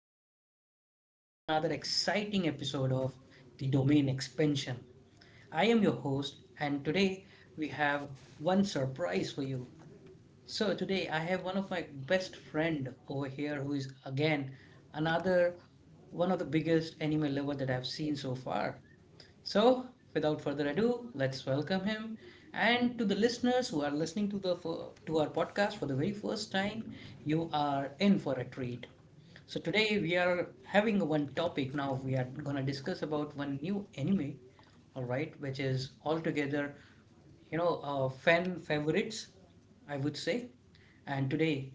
podcast and yet another exciting episode of The Domain Expansion. I am your host, and today we have one surprise for you. So, today I have one of my best friend over here who is again another one of the biggest anime lover that I've seen so far. So, without further ado, let's welcome him. And to the listeners who are listening to the to our podcast for the very first time, you are in for a treat. So today we are having one topic now we are going to discuss about one new anime, all right, which is altogether, fan favorites, I would say. And today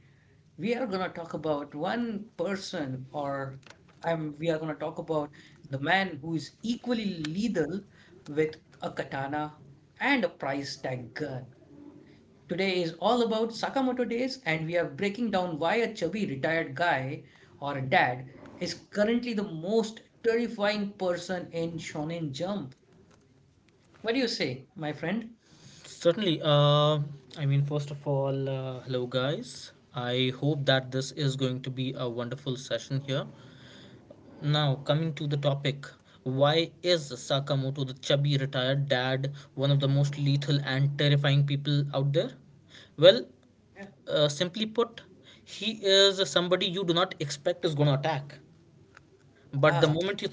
we are going to talk about one person or we are going to talk about the man who is equally lethal with a katana and a price tag gun. Today is all about Sakamoto days, and we are breaking down why a chubby retired guy or dad is currently the most terrifying person in Shonen Jump. What do you say, my friend? Certainly. I mean, first of all, hello guys. I hope that this is going to be a wonderful session here. Now, coming to the topic, why is Sakamoto, the chubby retired dad, one of the most lethal and terrifying people out there? Well, Yeah. Simply put, he is somebody you do not expect is going to attack. But the Yeah. moment you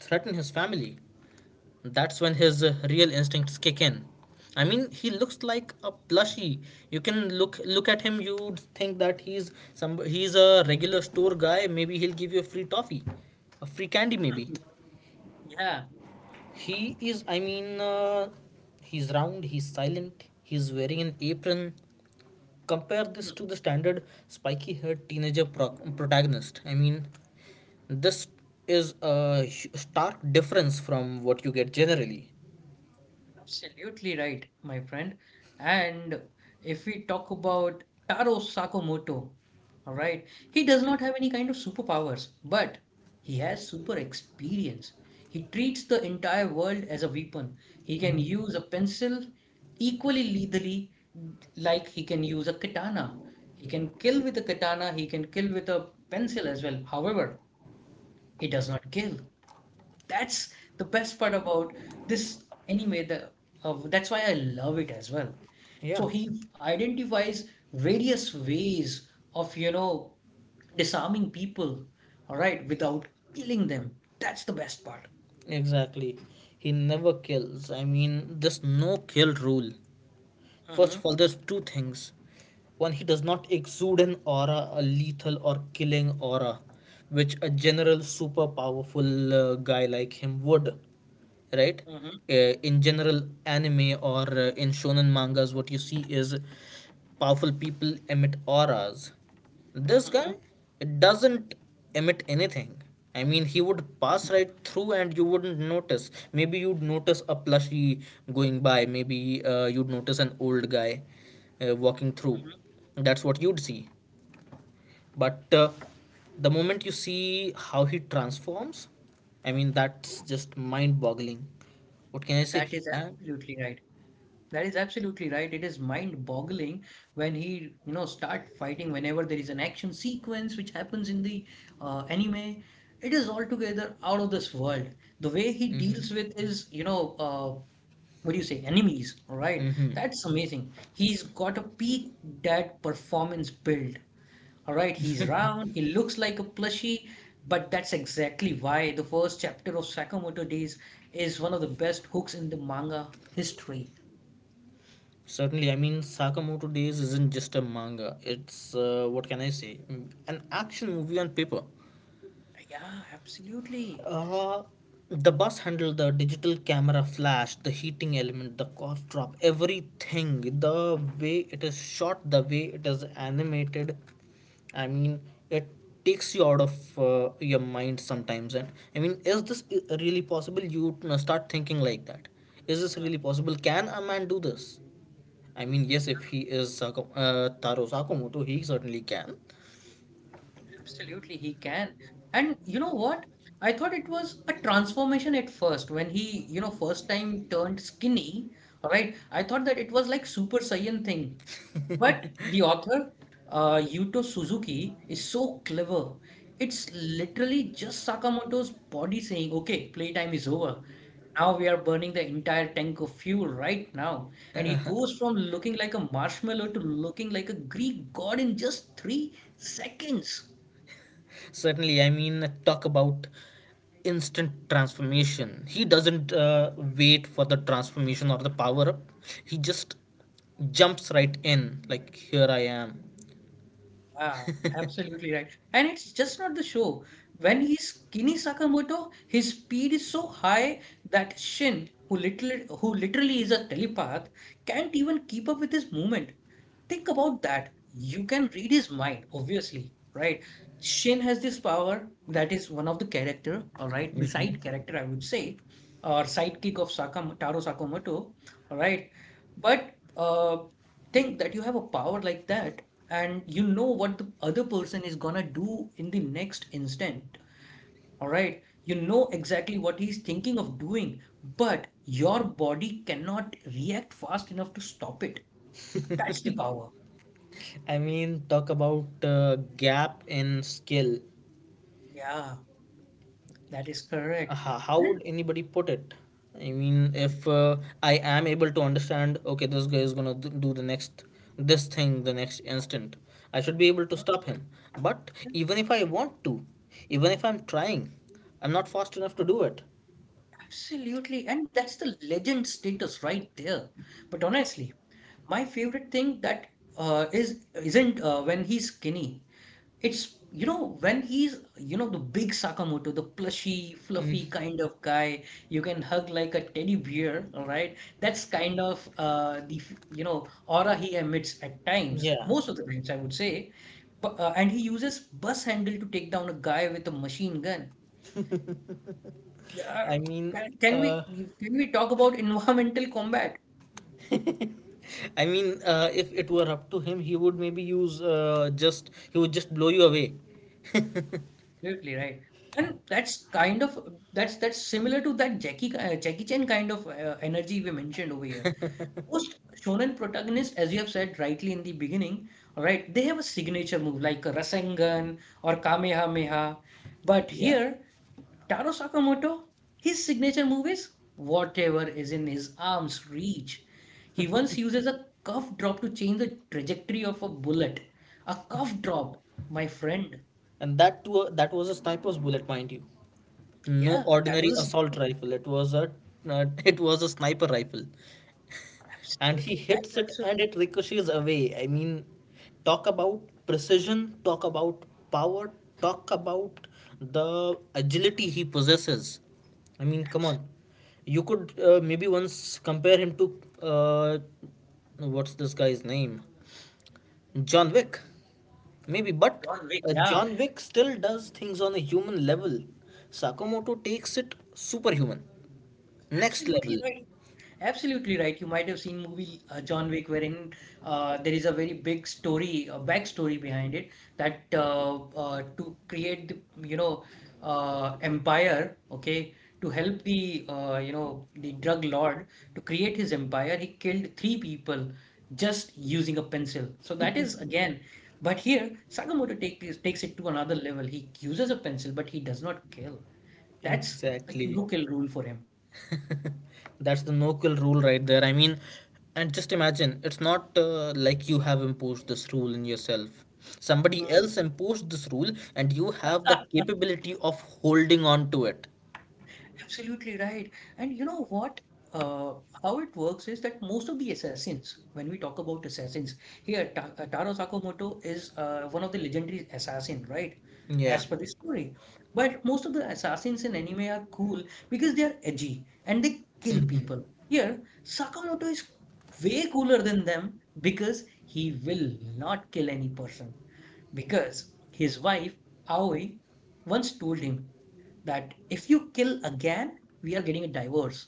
threaten his family, that's when his real instincts kick in. I mean, he looks like a plushie. You can look at him. You'd think that he's a regular store guy. Maybe he'll give you a free toffee, a free candy. Maybe Yeah. he is. I mean, he's round. He's silent. He's wearing an apron. Compare this to the standard spiky-haired teenager protagonist. I mean, this is a stark difference from what you get generally. Absolutely right, my friend. And if we talk about Taro Sakamoto, all right, he does not have any kind of superpowers, but he has super experience. He treats the entire world as a weapon. He can Mhm. use a pencil equally lethally, like he can use a katana. He can kill with a katana, he can kill with a pencil as well. However, he does not kill. That's the best part about this anime. The that's why I love it as well. Yeah. So he identifies various ways of disarming people, all right, without killing them. That's the best part. Exactly. He never kills. I mean, there's no kill rule. First Mm-hmm, of all, there's two things. One, he does not exude an aura, a lethal or killing aura, which a general super powerful guy like him would, right? mm-hmm, In general, anime, or in shonen mangas, what you see is powerful people emit auras. This guy, mm-hmm, it doesn't emit anything. I mean, he would pass right through and you wouldn't notice. Maybe you'd notice a plushie going by, maybe you'd notice an old guy walking through. mm-hmm. That's what you'd see, but the moment you see how he transforms, I mean, that's just mind boggling. What can I say? That is and, absolutely right. That is absolutely right. It is mind-boggling when he, start fighting whenever there is an action sequence which happens in the anime. It is altogether out of this world. The way he mm-hmm. deals with his, what do you say, enemies, all right? Mm-hmm. That's amazing. He's got a peak dad performance build. All right, he's round, he looks like a plushie, but that's exactly why the first chapter of Sakamoto Days is one of the best hooks in the manga history. Certainly, I mean, Sakamoto Days isn't just a manga, it's, what can I say, an action movie on paper. Yeah, absolutely. Uh, the bus handle, the digital camera flash, the heating element, the cough drop, everything, the way it is shot, the way it is animated. I mean, it takes you out of your mind sometimes. And I mean, is this really possible? You start thinking like that. Is this Uh, really possible? Can a man do this? I mean, yes, if yeah, he is Taro Sakamoto, he certainly can. absolutely, he can. And you know what? I thought it was a transformation at first when he, first time turned skinny, right? I thought that it was like Super Saiyan thing. But the author, Yuto Suzuki, is so clever. It's literally just Sakamoto's body saying, okay, playtime is over. Now we are burning the entire tank of fuel right now. And he goes from looking like a marshmallow to looking like a Greek god in just 3 seconds. Certainly, I mean, talk about instant transformation. He doesn't wait for the transformation or the power up, he just jumps right in, like, here I am. Ah, absolutely right. And it's just not the show. When he's skinny Sakamoto, his speed is so high that Shin, who literally is a telepath, can't even keep up with his movement. Think about that. You can read his mind, obviously, right? Shin has this power that is one of the character, all right, the Mhm. side character, I would say, or sidekick of Sakamoto, Taro Sakamoto, all right. But think that you have a power like that, and you know what the other person is gonna do in the next instant, all right. You know exactly what he's thinking of doing, but your body cannot react fast enough to stop it. That's the power. I mean, talk about gap in skill. Yeah. That is correct. How would And anybody put it? I mean, yeah, if I am able to understand, okay, this guy is going to do the next this thing the next instant, I should be able to uh, stop him. But even if I want to, even if I'm trying, I'm not fast enough to do it. absolutely. And that's the legend status right there. But honestly, my favorite thing that is isn't when he's skinny. It's when he's the big Sakamoto, the plushy, Mm, fluffy kind of guy you can hug like a teddy bear, all right? That's kind of the aura he emits at times, yeah, most of the times I would say. And he uses bus handle to take down a guy with a machine gun. Yeah, i mean can, can uh, we we- can we talk about environmental combat? I mean, if it were up to him, he would maybe use, just he would just blow you away. Absolutely right. And that's similar to that Jackie Chan kind of energy we mentioned over here. Most shonen protagonists, as you have said rightly in the beginning, all right, they have a signature move like a Rasengan or Kamehameha. But Yeah, here Taro Sakamoto, his signature move is whatever is in his arm's reach. He once uses a cuff drop to change the trajectory of a bullet. A cuff drop, my friend. and that too, that was a sniper's bullet, mind you. No Yeah, that ordinary was assault rifle. It was a, it was a sniper rifle, and he absolutely That's hits it absolutely, and it ricochets away. I mean, talk about precision. Talk about power. Talk about the agility he possesses. I mean, come on. You could maybe once compare him to, what's this guy's name? John Wick, maybe. absolutely But John Wick. Yeah, John Wick still does things on a human level. Sakamoto takes it superhuman, next absolutely level. right. Absolutely right. You might have seen movie John Wick, wherein there is a very big story, backstory behind it that to create the empire, okay, to help the you know the drug lord to create his empire, he killed three people just using a pencil. So that is again, but here Sakamoto takes it to another level. He uses a pencil, but he does not kill. That's the Exactly, no kill rule for him. that's the no kill rule right there. I mean, and just imagine, it's not like you have imposed this rule in yourself, somebody Hmm. else imposed this rule, and you have the capability of holding on to it. Absolutely right. And you know what? Uh, how it works is that most of the assassins, when we talk about assassins, here Ta Taro Sakamoto is one of the legendary assassin, right? Yeah. As per the story. But most of the assassins in anime are cool because they are edgy and they kill Hmm. people. Here, Sakamoto is way cooler than them because he will not kill any person because his wife Aoi once told him that if you kill again, we are getting a divorce.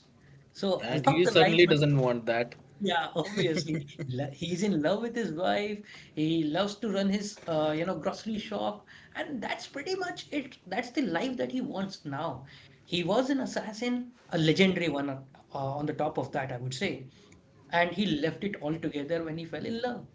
So And along he the lines, certainly doesn't want that. yeah, obviously, he's in love with his wife. He loves to run his, grocery shop, and that's pretty much it. That's the life that he wants now. He was an assassin, a legendary one, on the top of that, I would say, and he left it all together when he fell in love.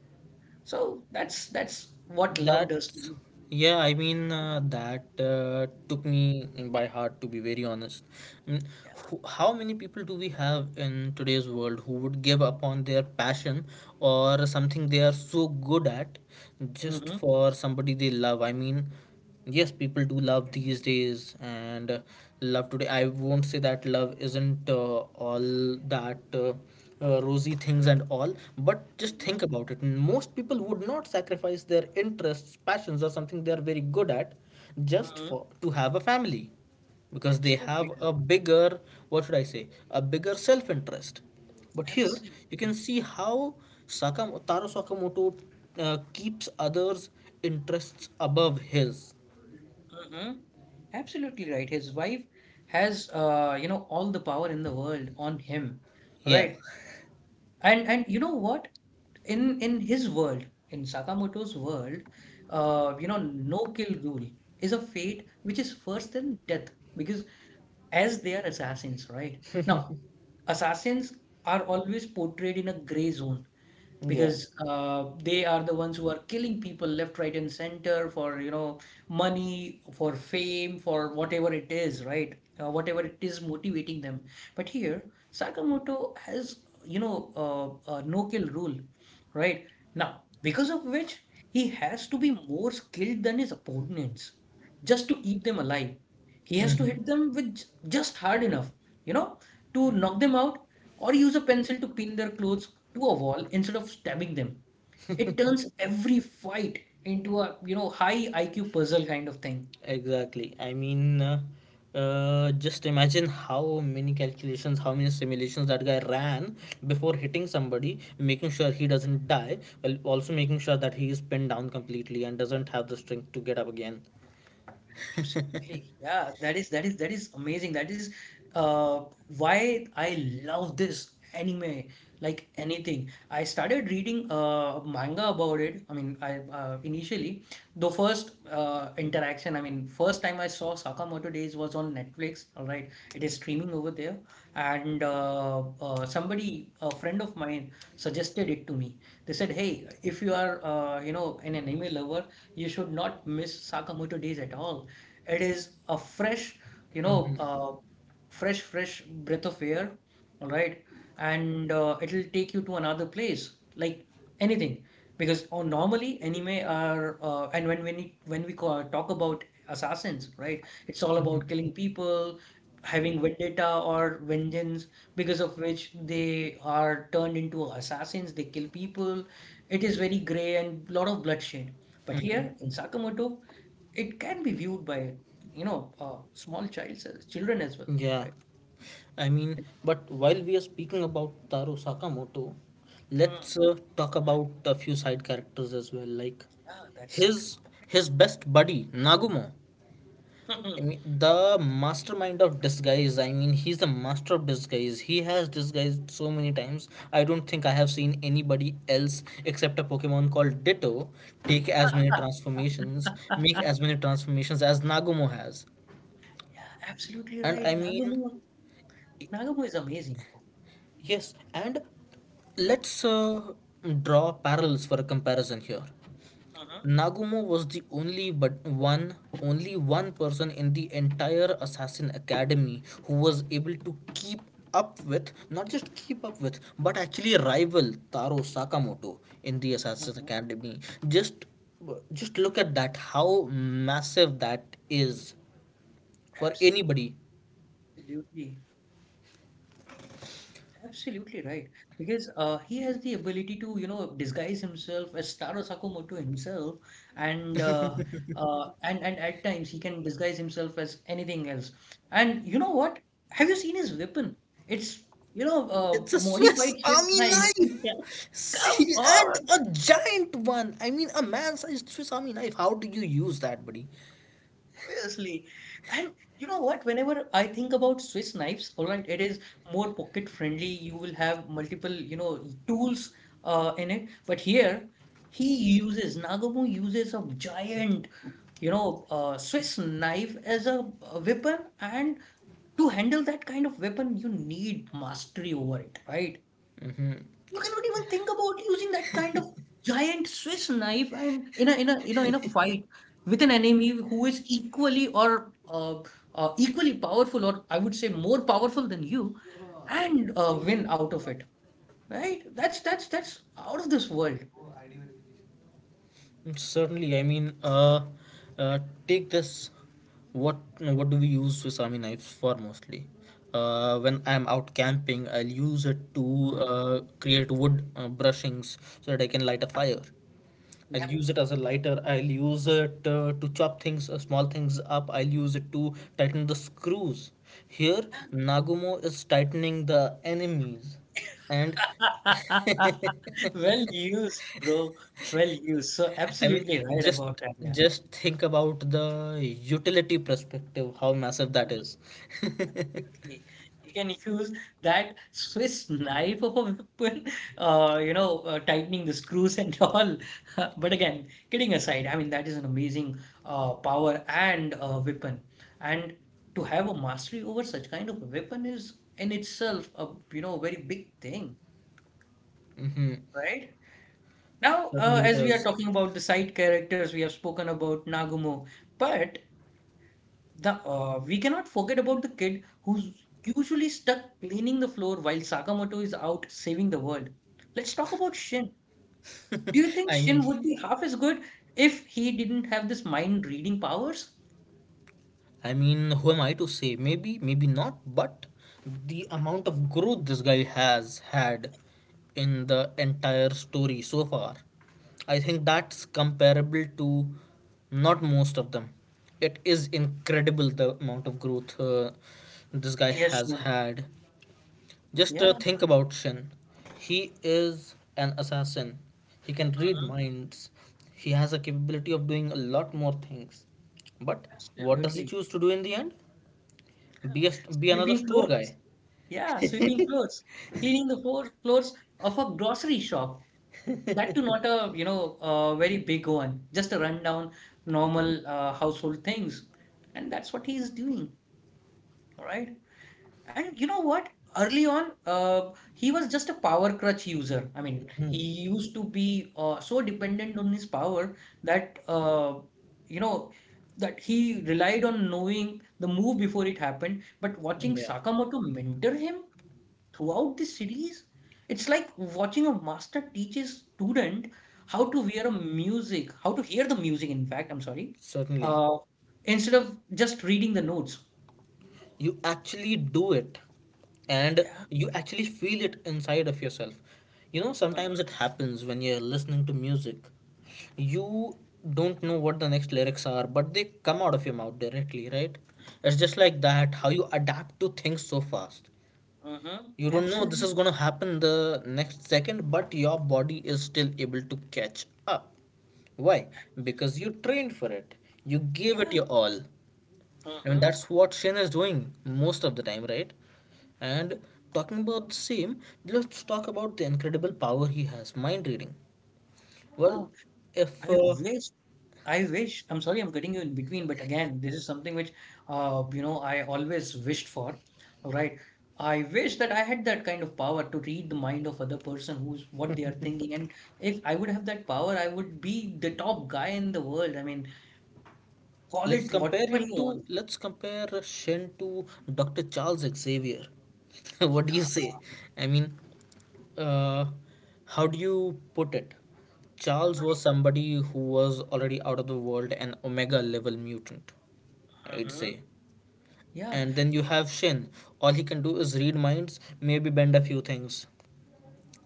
So that's what love That, does to you. yeah, I mean, that took me by heart, to be very honest. I mean, how many people do we have in today's world who would give up on their passion or something they are so good at just Hmm. for somebody they love? I mean, yes, people do love these days, and love today, I won't say that love isn't all that rosy things and all, but just Hmm. think about it, most people would not sacrifice their interests, passions, or something they are very good at just Hmm. for to have a family, because they Absolutely have right. a bigger, what should I say, a bigger self interest. But here you can Absolutely. see how Taro Sakamoto keeps others' interests above his. Hmm. Absolutely right. His wife has all the power in the world on him. Yeah. Right. And you know what? In his world, in Sakamoto's world, no kill rule is a fate which is worse than death because as they are assassins, right? Now, assassins are always portrayed in a gray zone Yeah. because they are the ones who are killing people left, right, and center for, money, for fame, for whatever it is, right? Whatever it is motivating them. But here, Sakamoto has, a no-kill rule, right? Now, because of which he has to be more skilled than his opponents just to eat them alive. He has to Mm-hmm. hit them with just hard enough, you know, to knock them out or use a pencil to pin their clothes to a wall instead of stabbing them. It turns every fight into a high IQ puzzle kind of thing. Exactly. I mean, just imagine how many calculations, how many simulations that guy ran before hitting somebody, making sure he doesn't die, while also making sure that he is pinned down completely and doesn't have the strength to get up again. Absolutely. Yeah, that is amazing. That is uh why I love this anime like anything. I started reading manga about it. I mean, I initially the first interaction. I mean, first time I saw Sakamoto Days was on Netflix. All right, it is streaming over there, and somebody, a friend of mine, suggested it to me. They said, "Hey, if you are an anime lover, you should not miss Sakamoto Days at all. It is a fresh, you know." Uh, fresh breath of air, all right? And it'll take you to another place, like anything. Because oh, normally anime are, and when we talk about assassins, right? It's all about killing people, having vendetta or vengeance, because of which they are turned into assassins. They kill people. It is very gray and lot of bloodshed. But Mm-hmm. here in Sakamoto, it can be viewed by small childs as children as well, Yeah. right. I mean, but while we are speaking about Taro Sakamoto, Hmm. let's talk about a few side characters as well, like Yeah, that's good. his his best buddy Nagumo. I mean, the mastermind of disguise. I mean, he's the master of disguise. He has disguised so many times. I don't think I have seen anybody else except a Pokemon called Ditto take as many transformations, make as many transformations as Nagumo has. Yeah, absolutely And right. I mean, Nagamu is amazing, bro. yes, and let's draw parallels for comparison here. Mhm. Nagumo was the only but one only one person in the entire assassin academy who was able to keep up with, not just keep up with, but actually rival Taro Sakamoto in the assassin Mhm. academy. Just look at that, how massive that is for anybody. absolutely Absolutely right. Because he has the ability to, disguise himself as Taro Sakamoto himself, and and at times he can disguise himself as anything else. And you know what? Have you seen his weapon? It's It's a modified Swiss Swiss army knife. knife. Come See, and on! a giant one. I mean, a man-sized Swiss Army knife. How do you use that, buddy? Obviously. And you know what? Whenever I think about Swiss knives, all right, it is more pocket friendly. You will have multiple, tools in it. But here, Nagumo uses a giant, Swiss knife as a weapon. And to handle that kind of weapon, you need mastery over it, right? You cannot even think about using that kind of giant Swiss knife and in a fight with an enemy who is equally or equally powerful, or I would say more powerful than you, and win out of it, right? That's out of this world. Certainly, I mean, uh, take this. What do we use Swisami knives for mostly? When I'm out camping, I'll use it to Mhm. Create wood brushings so that I can light a fire. I'll Yep. use it as a lighter. I'll use it to chop things, small things up. I'll use it to tighten the screws. Here, Nagumo is tightening the enemies, and Well used, bro. Well used. So I mean, absolutely right just about that, yeah. just think about the utility perspective, how massive that is. Absolutely. You can use that Swiss knife of a weapon, tightening the screws and all. But again, kidding aside, I mean, that is an amazing power and weapon. And to have a mastery over such kind of a weapon is in itself a, you know, very big thing, right? Now, Certainly it as we are is. talking about the side characters, we have spoken about Nagumo, but The we cannot forget about the kid who's usually stuck cleaning the floor while Sakamoto is out saving the world. Let's talk about Shin. Do you think I'm Shin would be half as good if he didn't have this mind reading powers? I mean, who am I to say? Maybe, maybe not, but the amount of growth this guy has had in the entire story so far, I think that's comparable to not most of them. It is incredible, the amount of growth this guy Yes, has sure. had. Just Yeah, think about Shin. He is an assassin. He can read uh-huh, minds. He has a capability of doing a lot more things. But what does he absolutely. choose to do in the end? Huh. Be another Sweeping store floors. guy. Yeah, sweeping floors. Cleaning the floor, floors of a grocery shop. That too not a, you know, a very big one. Just a rundown, normal household things. And that's what he's doing. All right. And you know what? Early on, he was just a power crutch user. I mean, he used to be so dependent on his power that you know that he relied on knowing the move before it happened. But watching Yeah, Sakamoto mentor him throughout the series, it's like watching a master teach his student how to wear a music, how to hear the music. In fact, I'm sorry, certainly. uh, instead of just reading the notes. You actually do it, and you actually feel it inside of yourself. Yeah. Sometimes it happens when you're listening to music, you don't know what the next lyrics are, but they come out of your mouth directly, right? It's just like that, how you adapt to things so fast. Mm-hmm. You don't know this is Absolutely. going to happen the next second, but your body is still able to catch up. Why? Because you trained for it, you gave it your Yeah. all. I mean, Mm-hmm. that's what Shane is doing most of the time, right? And talking about the same, let's talk about the incredible power he has, mind reading. Well, Wow. if I wish, I wish, I'm sorry I'm cutting you in between, but again, this is something which, I always wished for, right? I wish that I had that kind of power to read the mind of other person who's what they are thinking. And if I would have that power, I would be the top guy in the world. I mean, call it whatever you want. let's compare Shen to Dr. Charles Xavier. What do you Yeah. say? I mean, uh, how do you put it? Charles was somebody who was already out of the world, an Omega level mutant, I'd Mhm. say. Yeah. And then you have Shin. All he can do is read minds, maybe bend a few things.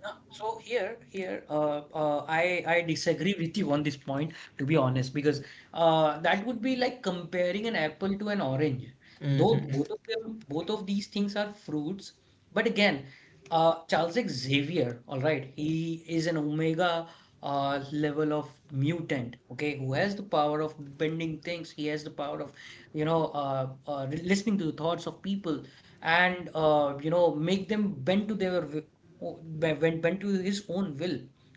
No. So here, I disagree with you on this point, to be honest, because that would be like comparing an apple to an orange. Though Mm-hmm. both of them, both of these things are fruits, but again, Charles Xavier, all right, he is an omega level of mutant, okay, who has the power of bending things. He has the power of, you know, uh, uh, listening to the thoughts of people and make them bend to their o- when bent to his own will,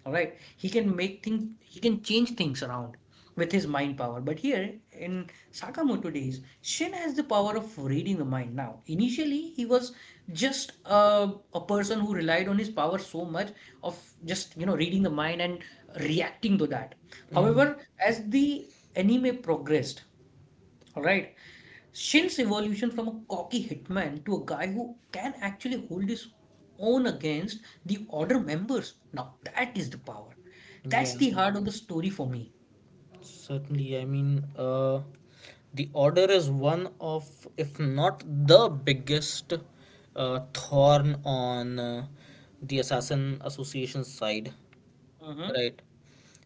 all right. He can make things, he can change things around with his mind power. But here in Sakamoto Days, Shin has the power of reading the mind. Now initially he was just a person who relied on his power so much of just, you know, reading the mind and reacting to that. Mm-hmm. However, as the anime progressed, all right, Shin's evolution from a cocky hitman to a guy who can actually hold his own against the Order members. Now that is the power. That's Yeah, the heart of the story for me. certainly. I mean, the Order is one of, if not the biggest, thorn on the Assassin Association side. Mm-hmm. Right?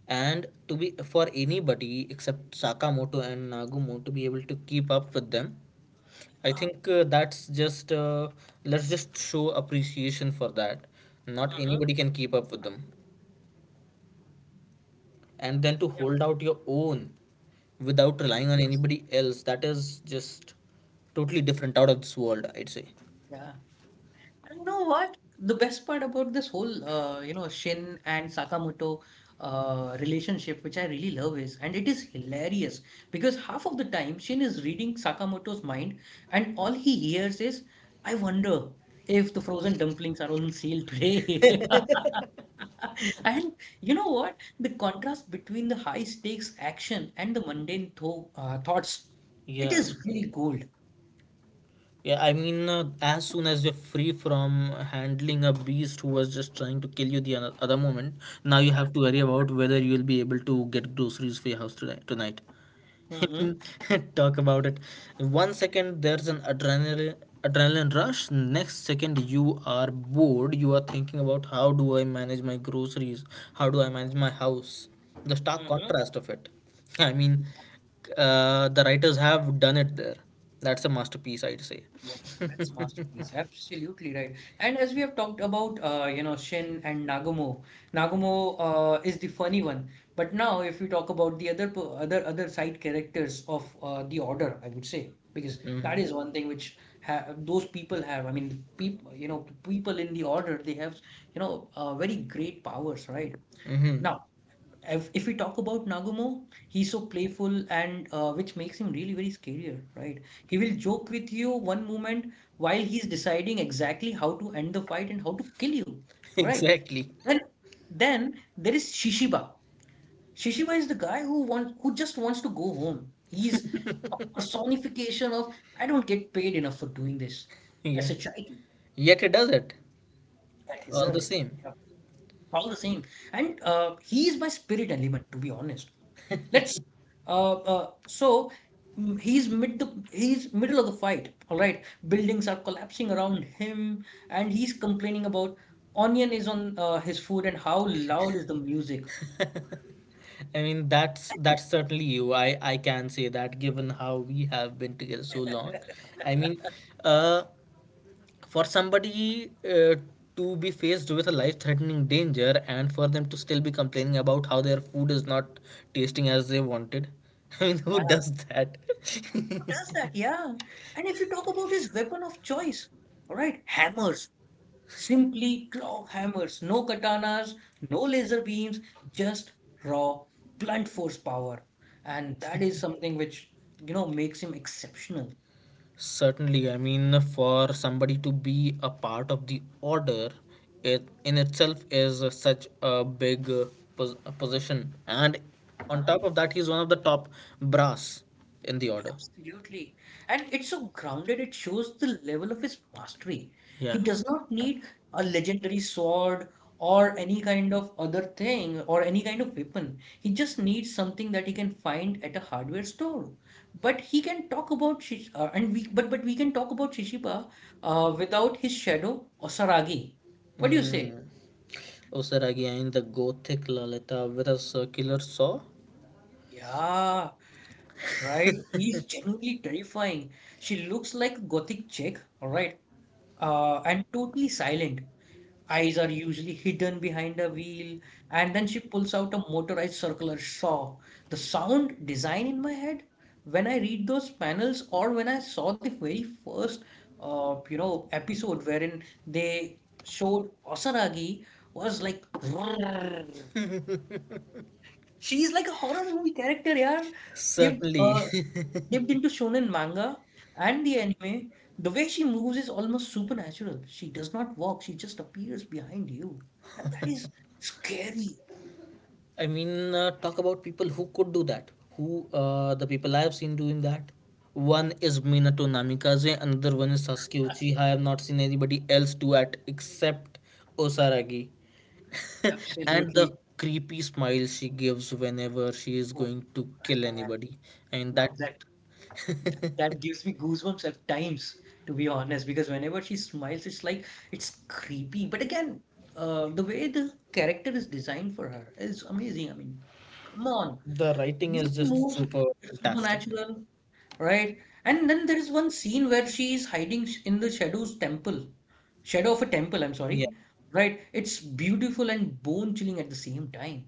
And to be, for anybody except Sakamoto and Nagumo to be able to keep up with them, I Yeah. think, that's just let's just show appreciation for that. Not Mm-hmm. anybody can keep up with them, and then to Yep. hold out your own without relying on Yes. anybody else. That is just totally different, out of this world, I'd say. Yeah. And you know what? The best part about this whole, Shin and Sakamoto relationship, which I really love, is, and it is hilarious, because half of the time Shin is reading Sakamoto's mind, and all he hears is, "I wonder if the frozen dumplings are on sale today." And you know what? The contrast between the high stakes action and the mundane thoughts, it Yeah. is really cool. Yeah, I mean, as soon as you're free from handling a beast who was just trying to kill you other moment, now you have to worry about whether you'll be able to get groceries for your house today, tonight. Mm-hmm, Talk about it. One second, there's an adrenaline rush. Next second you are bored. You are thinking about, how do I manage my groceries? How do I manage my house? The stark mm-hmm. contrast of it. I mean, the writers have done it there. That's a masterpiece, I'd say. Yeah, that's a masterpiece. Absolutely right. And as we have talked about, Shin and Nagumo, Nagumo is the funny one. But now, if we talk about the other side characters of the Order, I would say, because that Mm-hmm. is one thing which ha those people have. I mean, people, you know, people in the Order, they have, very great powers, right? Mm-hmm. If we talk about Nagumo, he's so playful and which makes him really very scarier, right? He will joke with you one moment while he's deciding exactly how to end the fight and how to kill you, right? Exactly. Then then there is Shishiba. Shishiba is the guy who just wants to go home. He's a personification of I don't get paid enough for doing this as Yeah. a child. Yet it does it That is all the deserve. same. Yeah, all the same, and he is my spirit element, to be honest. That's so mm, he's mid the He's middle of the fight. All right, buildings are collapsing around him, and he's complaining about onion is on his food and how loud is the music. I mean, that's And who that's certainly you. I can say that given how we have been together so long. I mean, uh, for somebody to be faced with a life-threatening danger and for them to still be complaining about how their food is not tasting as they wanted. I mean, who does that? does that? Yeah. And if you talk about his weapon of choice, all right, hammers, simply claw hammers, no katanas, no laser beams, just raw blunt force power, and that is something which, you know, makes him exceptional. Certainly, I mean, for somebody to be a part of the order, it in itself is such a big, position. And on top of that, he's one of the top brass in the order. Absolutely. And it's so grounded, it shows the level of his mastery. He Yeah. does not need a legendary sword or any kind of other thing or any kind of weapon. He just needs something that he can find at a hardware store. But he can talk about Shish and we but we can talk about Shishiba without his shadow Osaragi. What do you say? Mm. Osaragi in the Gothic Lalita with a circular saw? Yeah, right. He's genuinely terrifying. She looks like a gothic chick, all right? And totally silent. Eyes are usually hidden behind a wheel, and then she pulls out a motorized circular saw. The sound design in my head, when I read those panels, or when I saw the very first, episode wherein they showed Osaragi, was like, "Roar." She's like a horror movie character, yeah. Give, Certainly. Dipped into shonen manga and the anime, the way she moves is almost supernatural. She does not walk, she just appears behind you. And that is scary. I mean, talk about people who could do that. Who The people I have seen doing that? One is Minato Namikaze, another one is Sasuke Uchiha. I have not seen anybody else do that except Osaragi. And Absolutely. the creepy smile she gives whenever she is Oh, going to kill man. anybody. I mean, that Now that gives me goosebumps at times, to be honest, because whenever she smiles, it's like it's creepy. But again, the way the character is designed for her is amazing. I mean, come on. the The writing way is she just moves, super it's fantastic. supernatural. Right? And then there is one scene where she is hiding in the Shadow's temple. Shadow of a temple, I'm Yeah. sorry. Right? It's beautiful and bone chilling at the same time.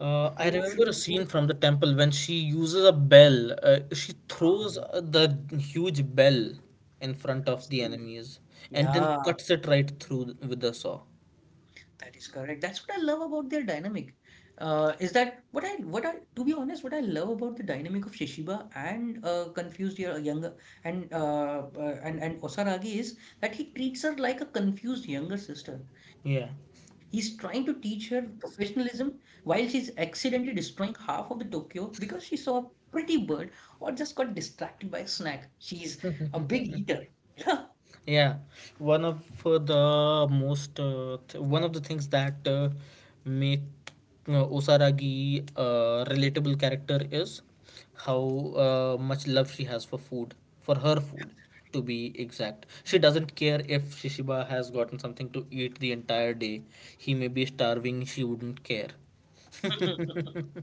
I You remember should a do scene it. from the temple when she uses a bell. She throws Um, the huge bell in front of the absolutely. enemies, and then Yeah. cuts it right through with the saw. That is correct. That's what I love about their dynamic. Is that what I To be honest, what I love about the dynamic of Shishiba and confused yo- younger and Osaragi is that he treats her like a confused younger sister. He's Yeah. trying to teach her professionalism while she's accidentally destroying half of the Tokyo because she saw a pretty bird or just got distracted by a snack. She's a big eater. Yeah, one of the things that make Osaragi a relatable character is how much love she has for food, for her food to be exact. She doesn't care if Shishiba has gotten something to eat the entire day. He may be starving, she wouldn't care.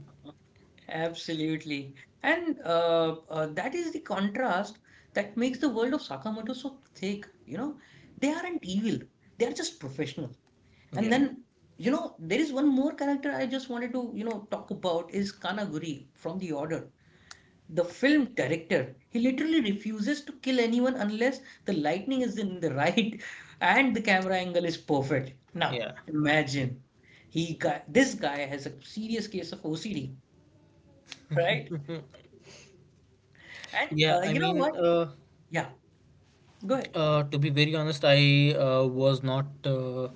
Absolutely. And that is the contrast that makes the world of Sakamoto so thick. You know, they aren't evil, they are just professional. And Yeah. then, you know, there is one more character I just wanted to, you know, talk about is Kanaguri from The Order. The film director, he literally refuses to kill anyone unless the lighting is in the right and the camera angle is perfect. Now, Yeah. imagine he guy, this guy has a serious case of OCD, right? And Yeah, I you know mean, what? uh, Yeah, go ahead. Uh, to be very honest, I was not uh,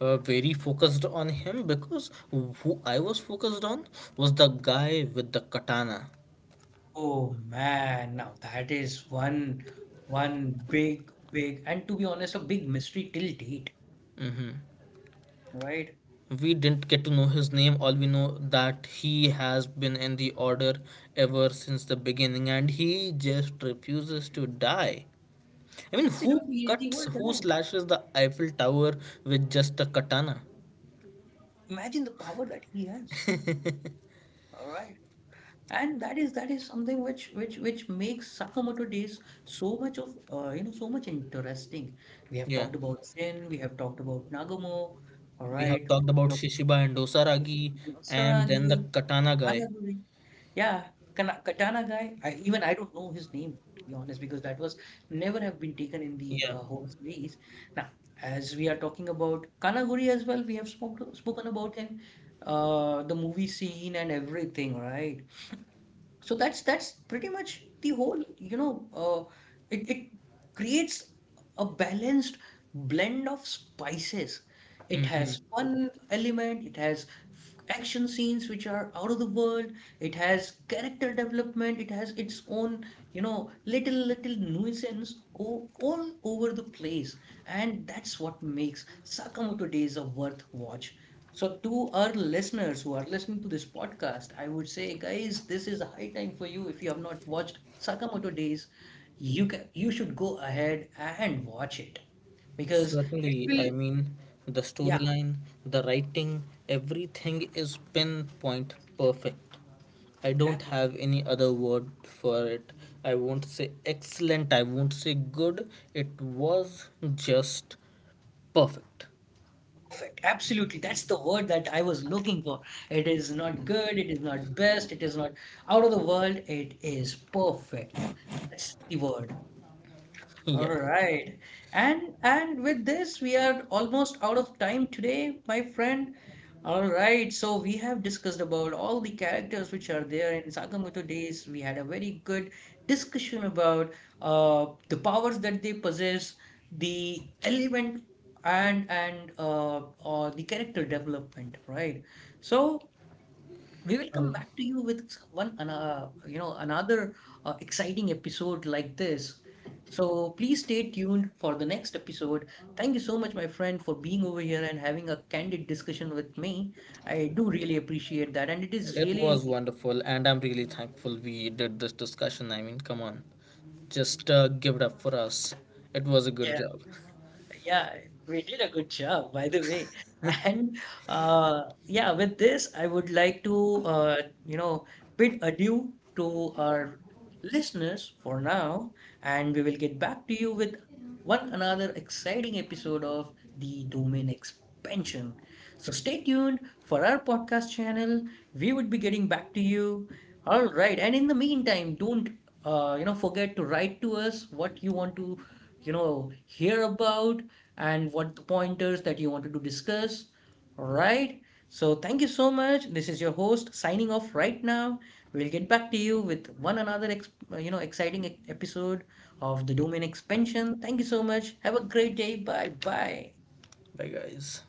uh, very focused on him, because who I was focused on was the guy with the katana. Oh man, now that is one big, big, and to be honest, a big mystery till date, Hmm. right? We didn't get to know his name. All we know that he has been in the order ever since the beginning, and he just refuses to die. I mean, who Absolutely, he's the cuts, old who guy. slashes the Eiffel Tower with just a katana? Imagine the power that he has. All right. And that is something which which makes Sakamoto Days so much of so much interesting. We have Yeah, talked about Shin, we have talked about Nagumo, all we have right, talked about talked Shishiba and about Ishin Dosaragi, and and then the Osaragi. katana Katana guy. Guri. Yeah, Katana guy. I, even I don't know his name, to be honest, because that was never have been taken in the Yeah. Whole series. Now, as we are talking about Kanaguri as well, we have spoken about in the movie scene and everything, right? So that's pretty much the whole, it creates a balanced blend of spices. It Hmm. has fun element, it has action scenes which are out of the world, it has character development, it has its own, you know, little nuisance all over the place. And that's what makes Sakamoto Days a worth watch. So, to our listeners who are listening to this podcast, I would say, guys, this is a high time for you. If you have not watched Sakamoto Days, you should go ahead and watch it because it Certainly. I will, mean, the yeah, storyline, the writing, everything is pinpoint perfect. I don't ab- have any other word for it. I won't say excellent, I won't say good. It was just perfect. absolutely. That's the word that I was looking for. It is not good, it is not best, it is not out of the world, it is perfect. That's the word. All Yeah. right. And with this we are almost out of time today, my friend. All right. So we have discussed about all the characters which are there in Sakamoto Days. We had a very good discussion about the powers that they possess, the element and the character development, right? So we will come Uh, back to you with one, an- you know, another exciting episode like this. So please stay tuned for the next episode. Thank you so much, my friend, for being over here and having a candid discussion with me. I do really appreciate that, and it is it was really, wonderful, and I'm really thankful we did this discussion. I mean, come on. Just give it up for us. It was a good yeah. job. Yeah, we did a good job, by the way. And yeah, with this, I would like to, you know, bid adieu to our listeners for now, and we will get back to you with one another exciting episode of the Domain Expansion. So stay tuned for our podcast channel. We would be getting back to you. All right, and in the meantime, don't forget to write to us what you want to, you know, hear about and what pointers that you wanted to discuss. All right. So thank you so much. This is your host signing off right now. We'll get back to you with one another exciting episode of the domain expansion. Thank you so much. Have a great day. Bye bye. Bye, guys.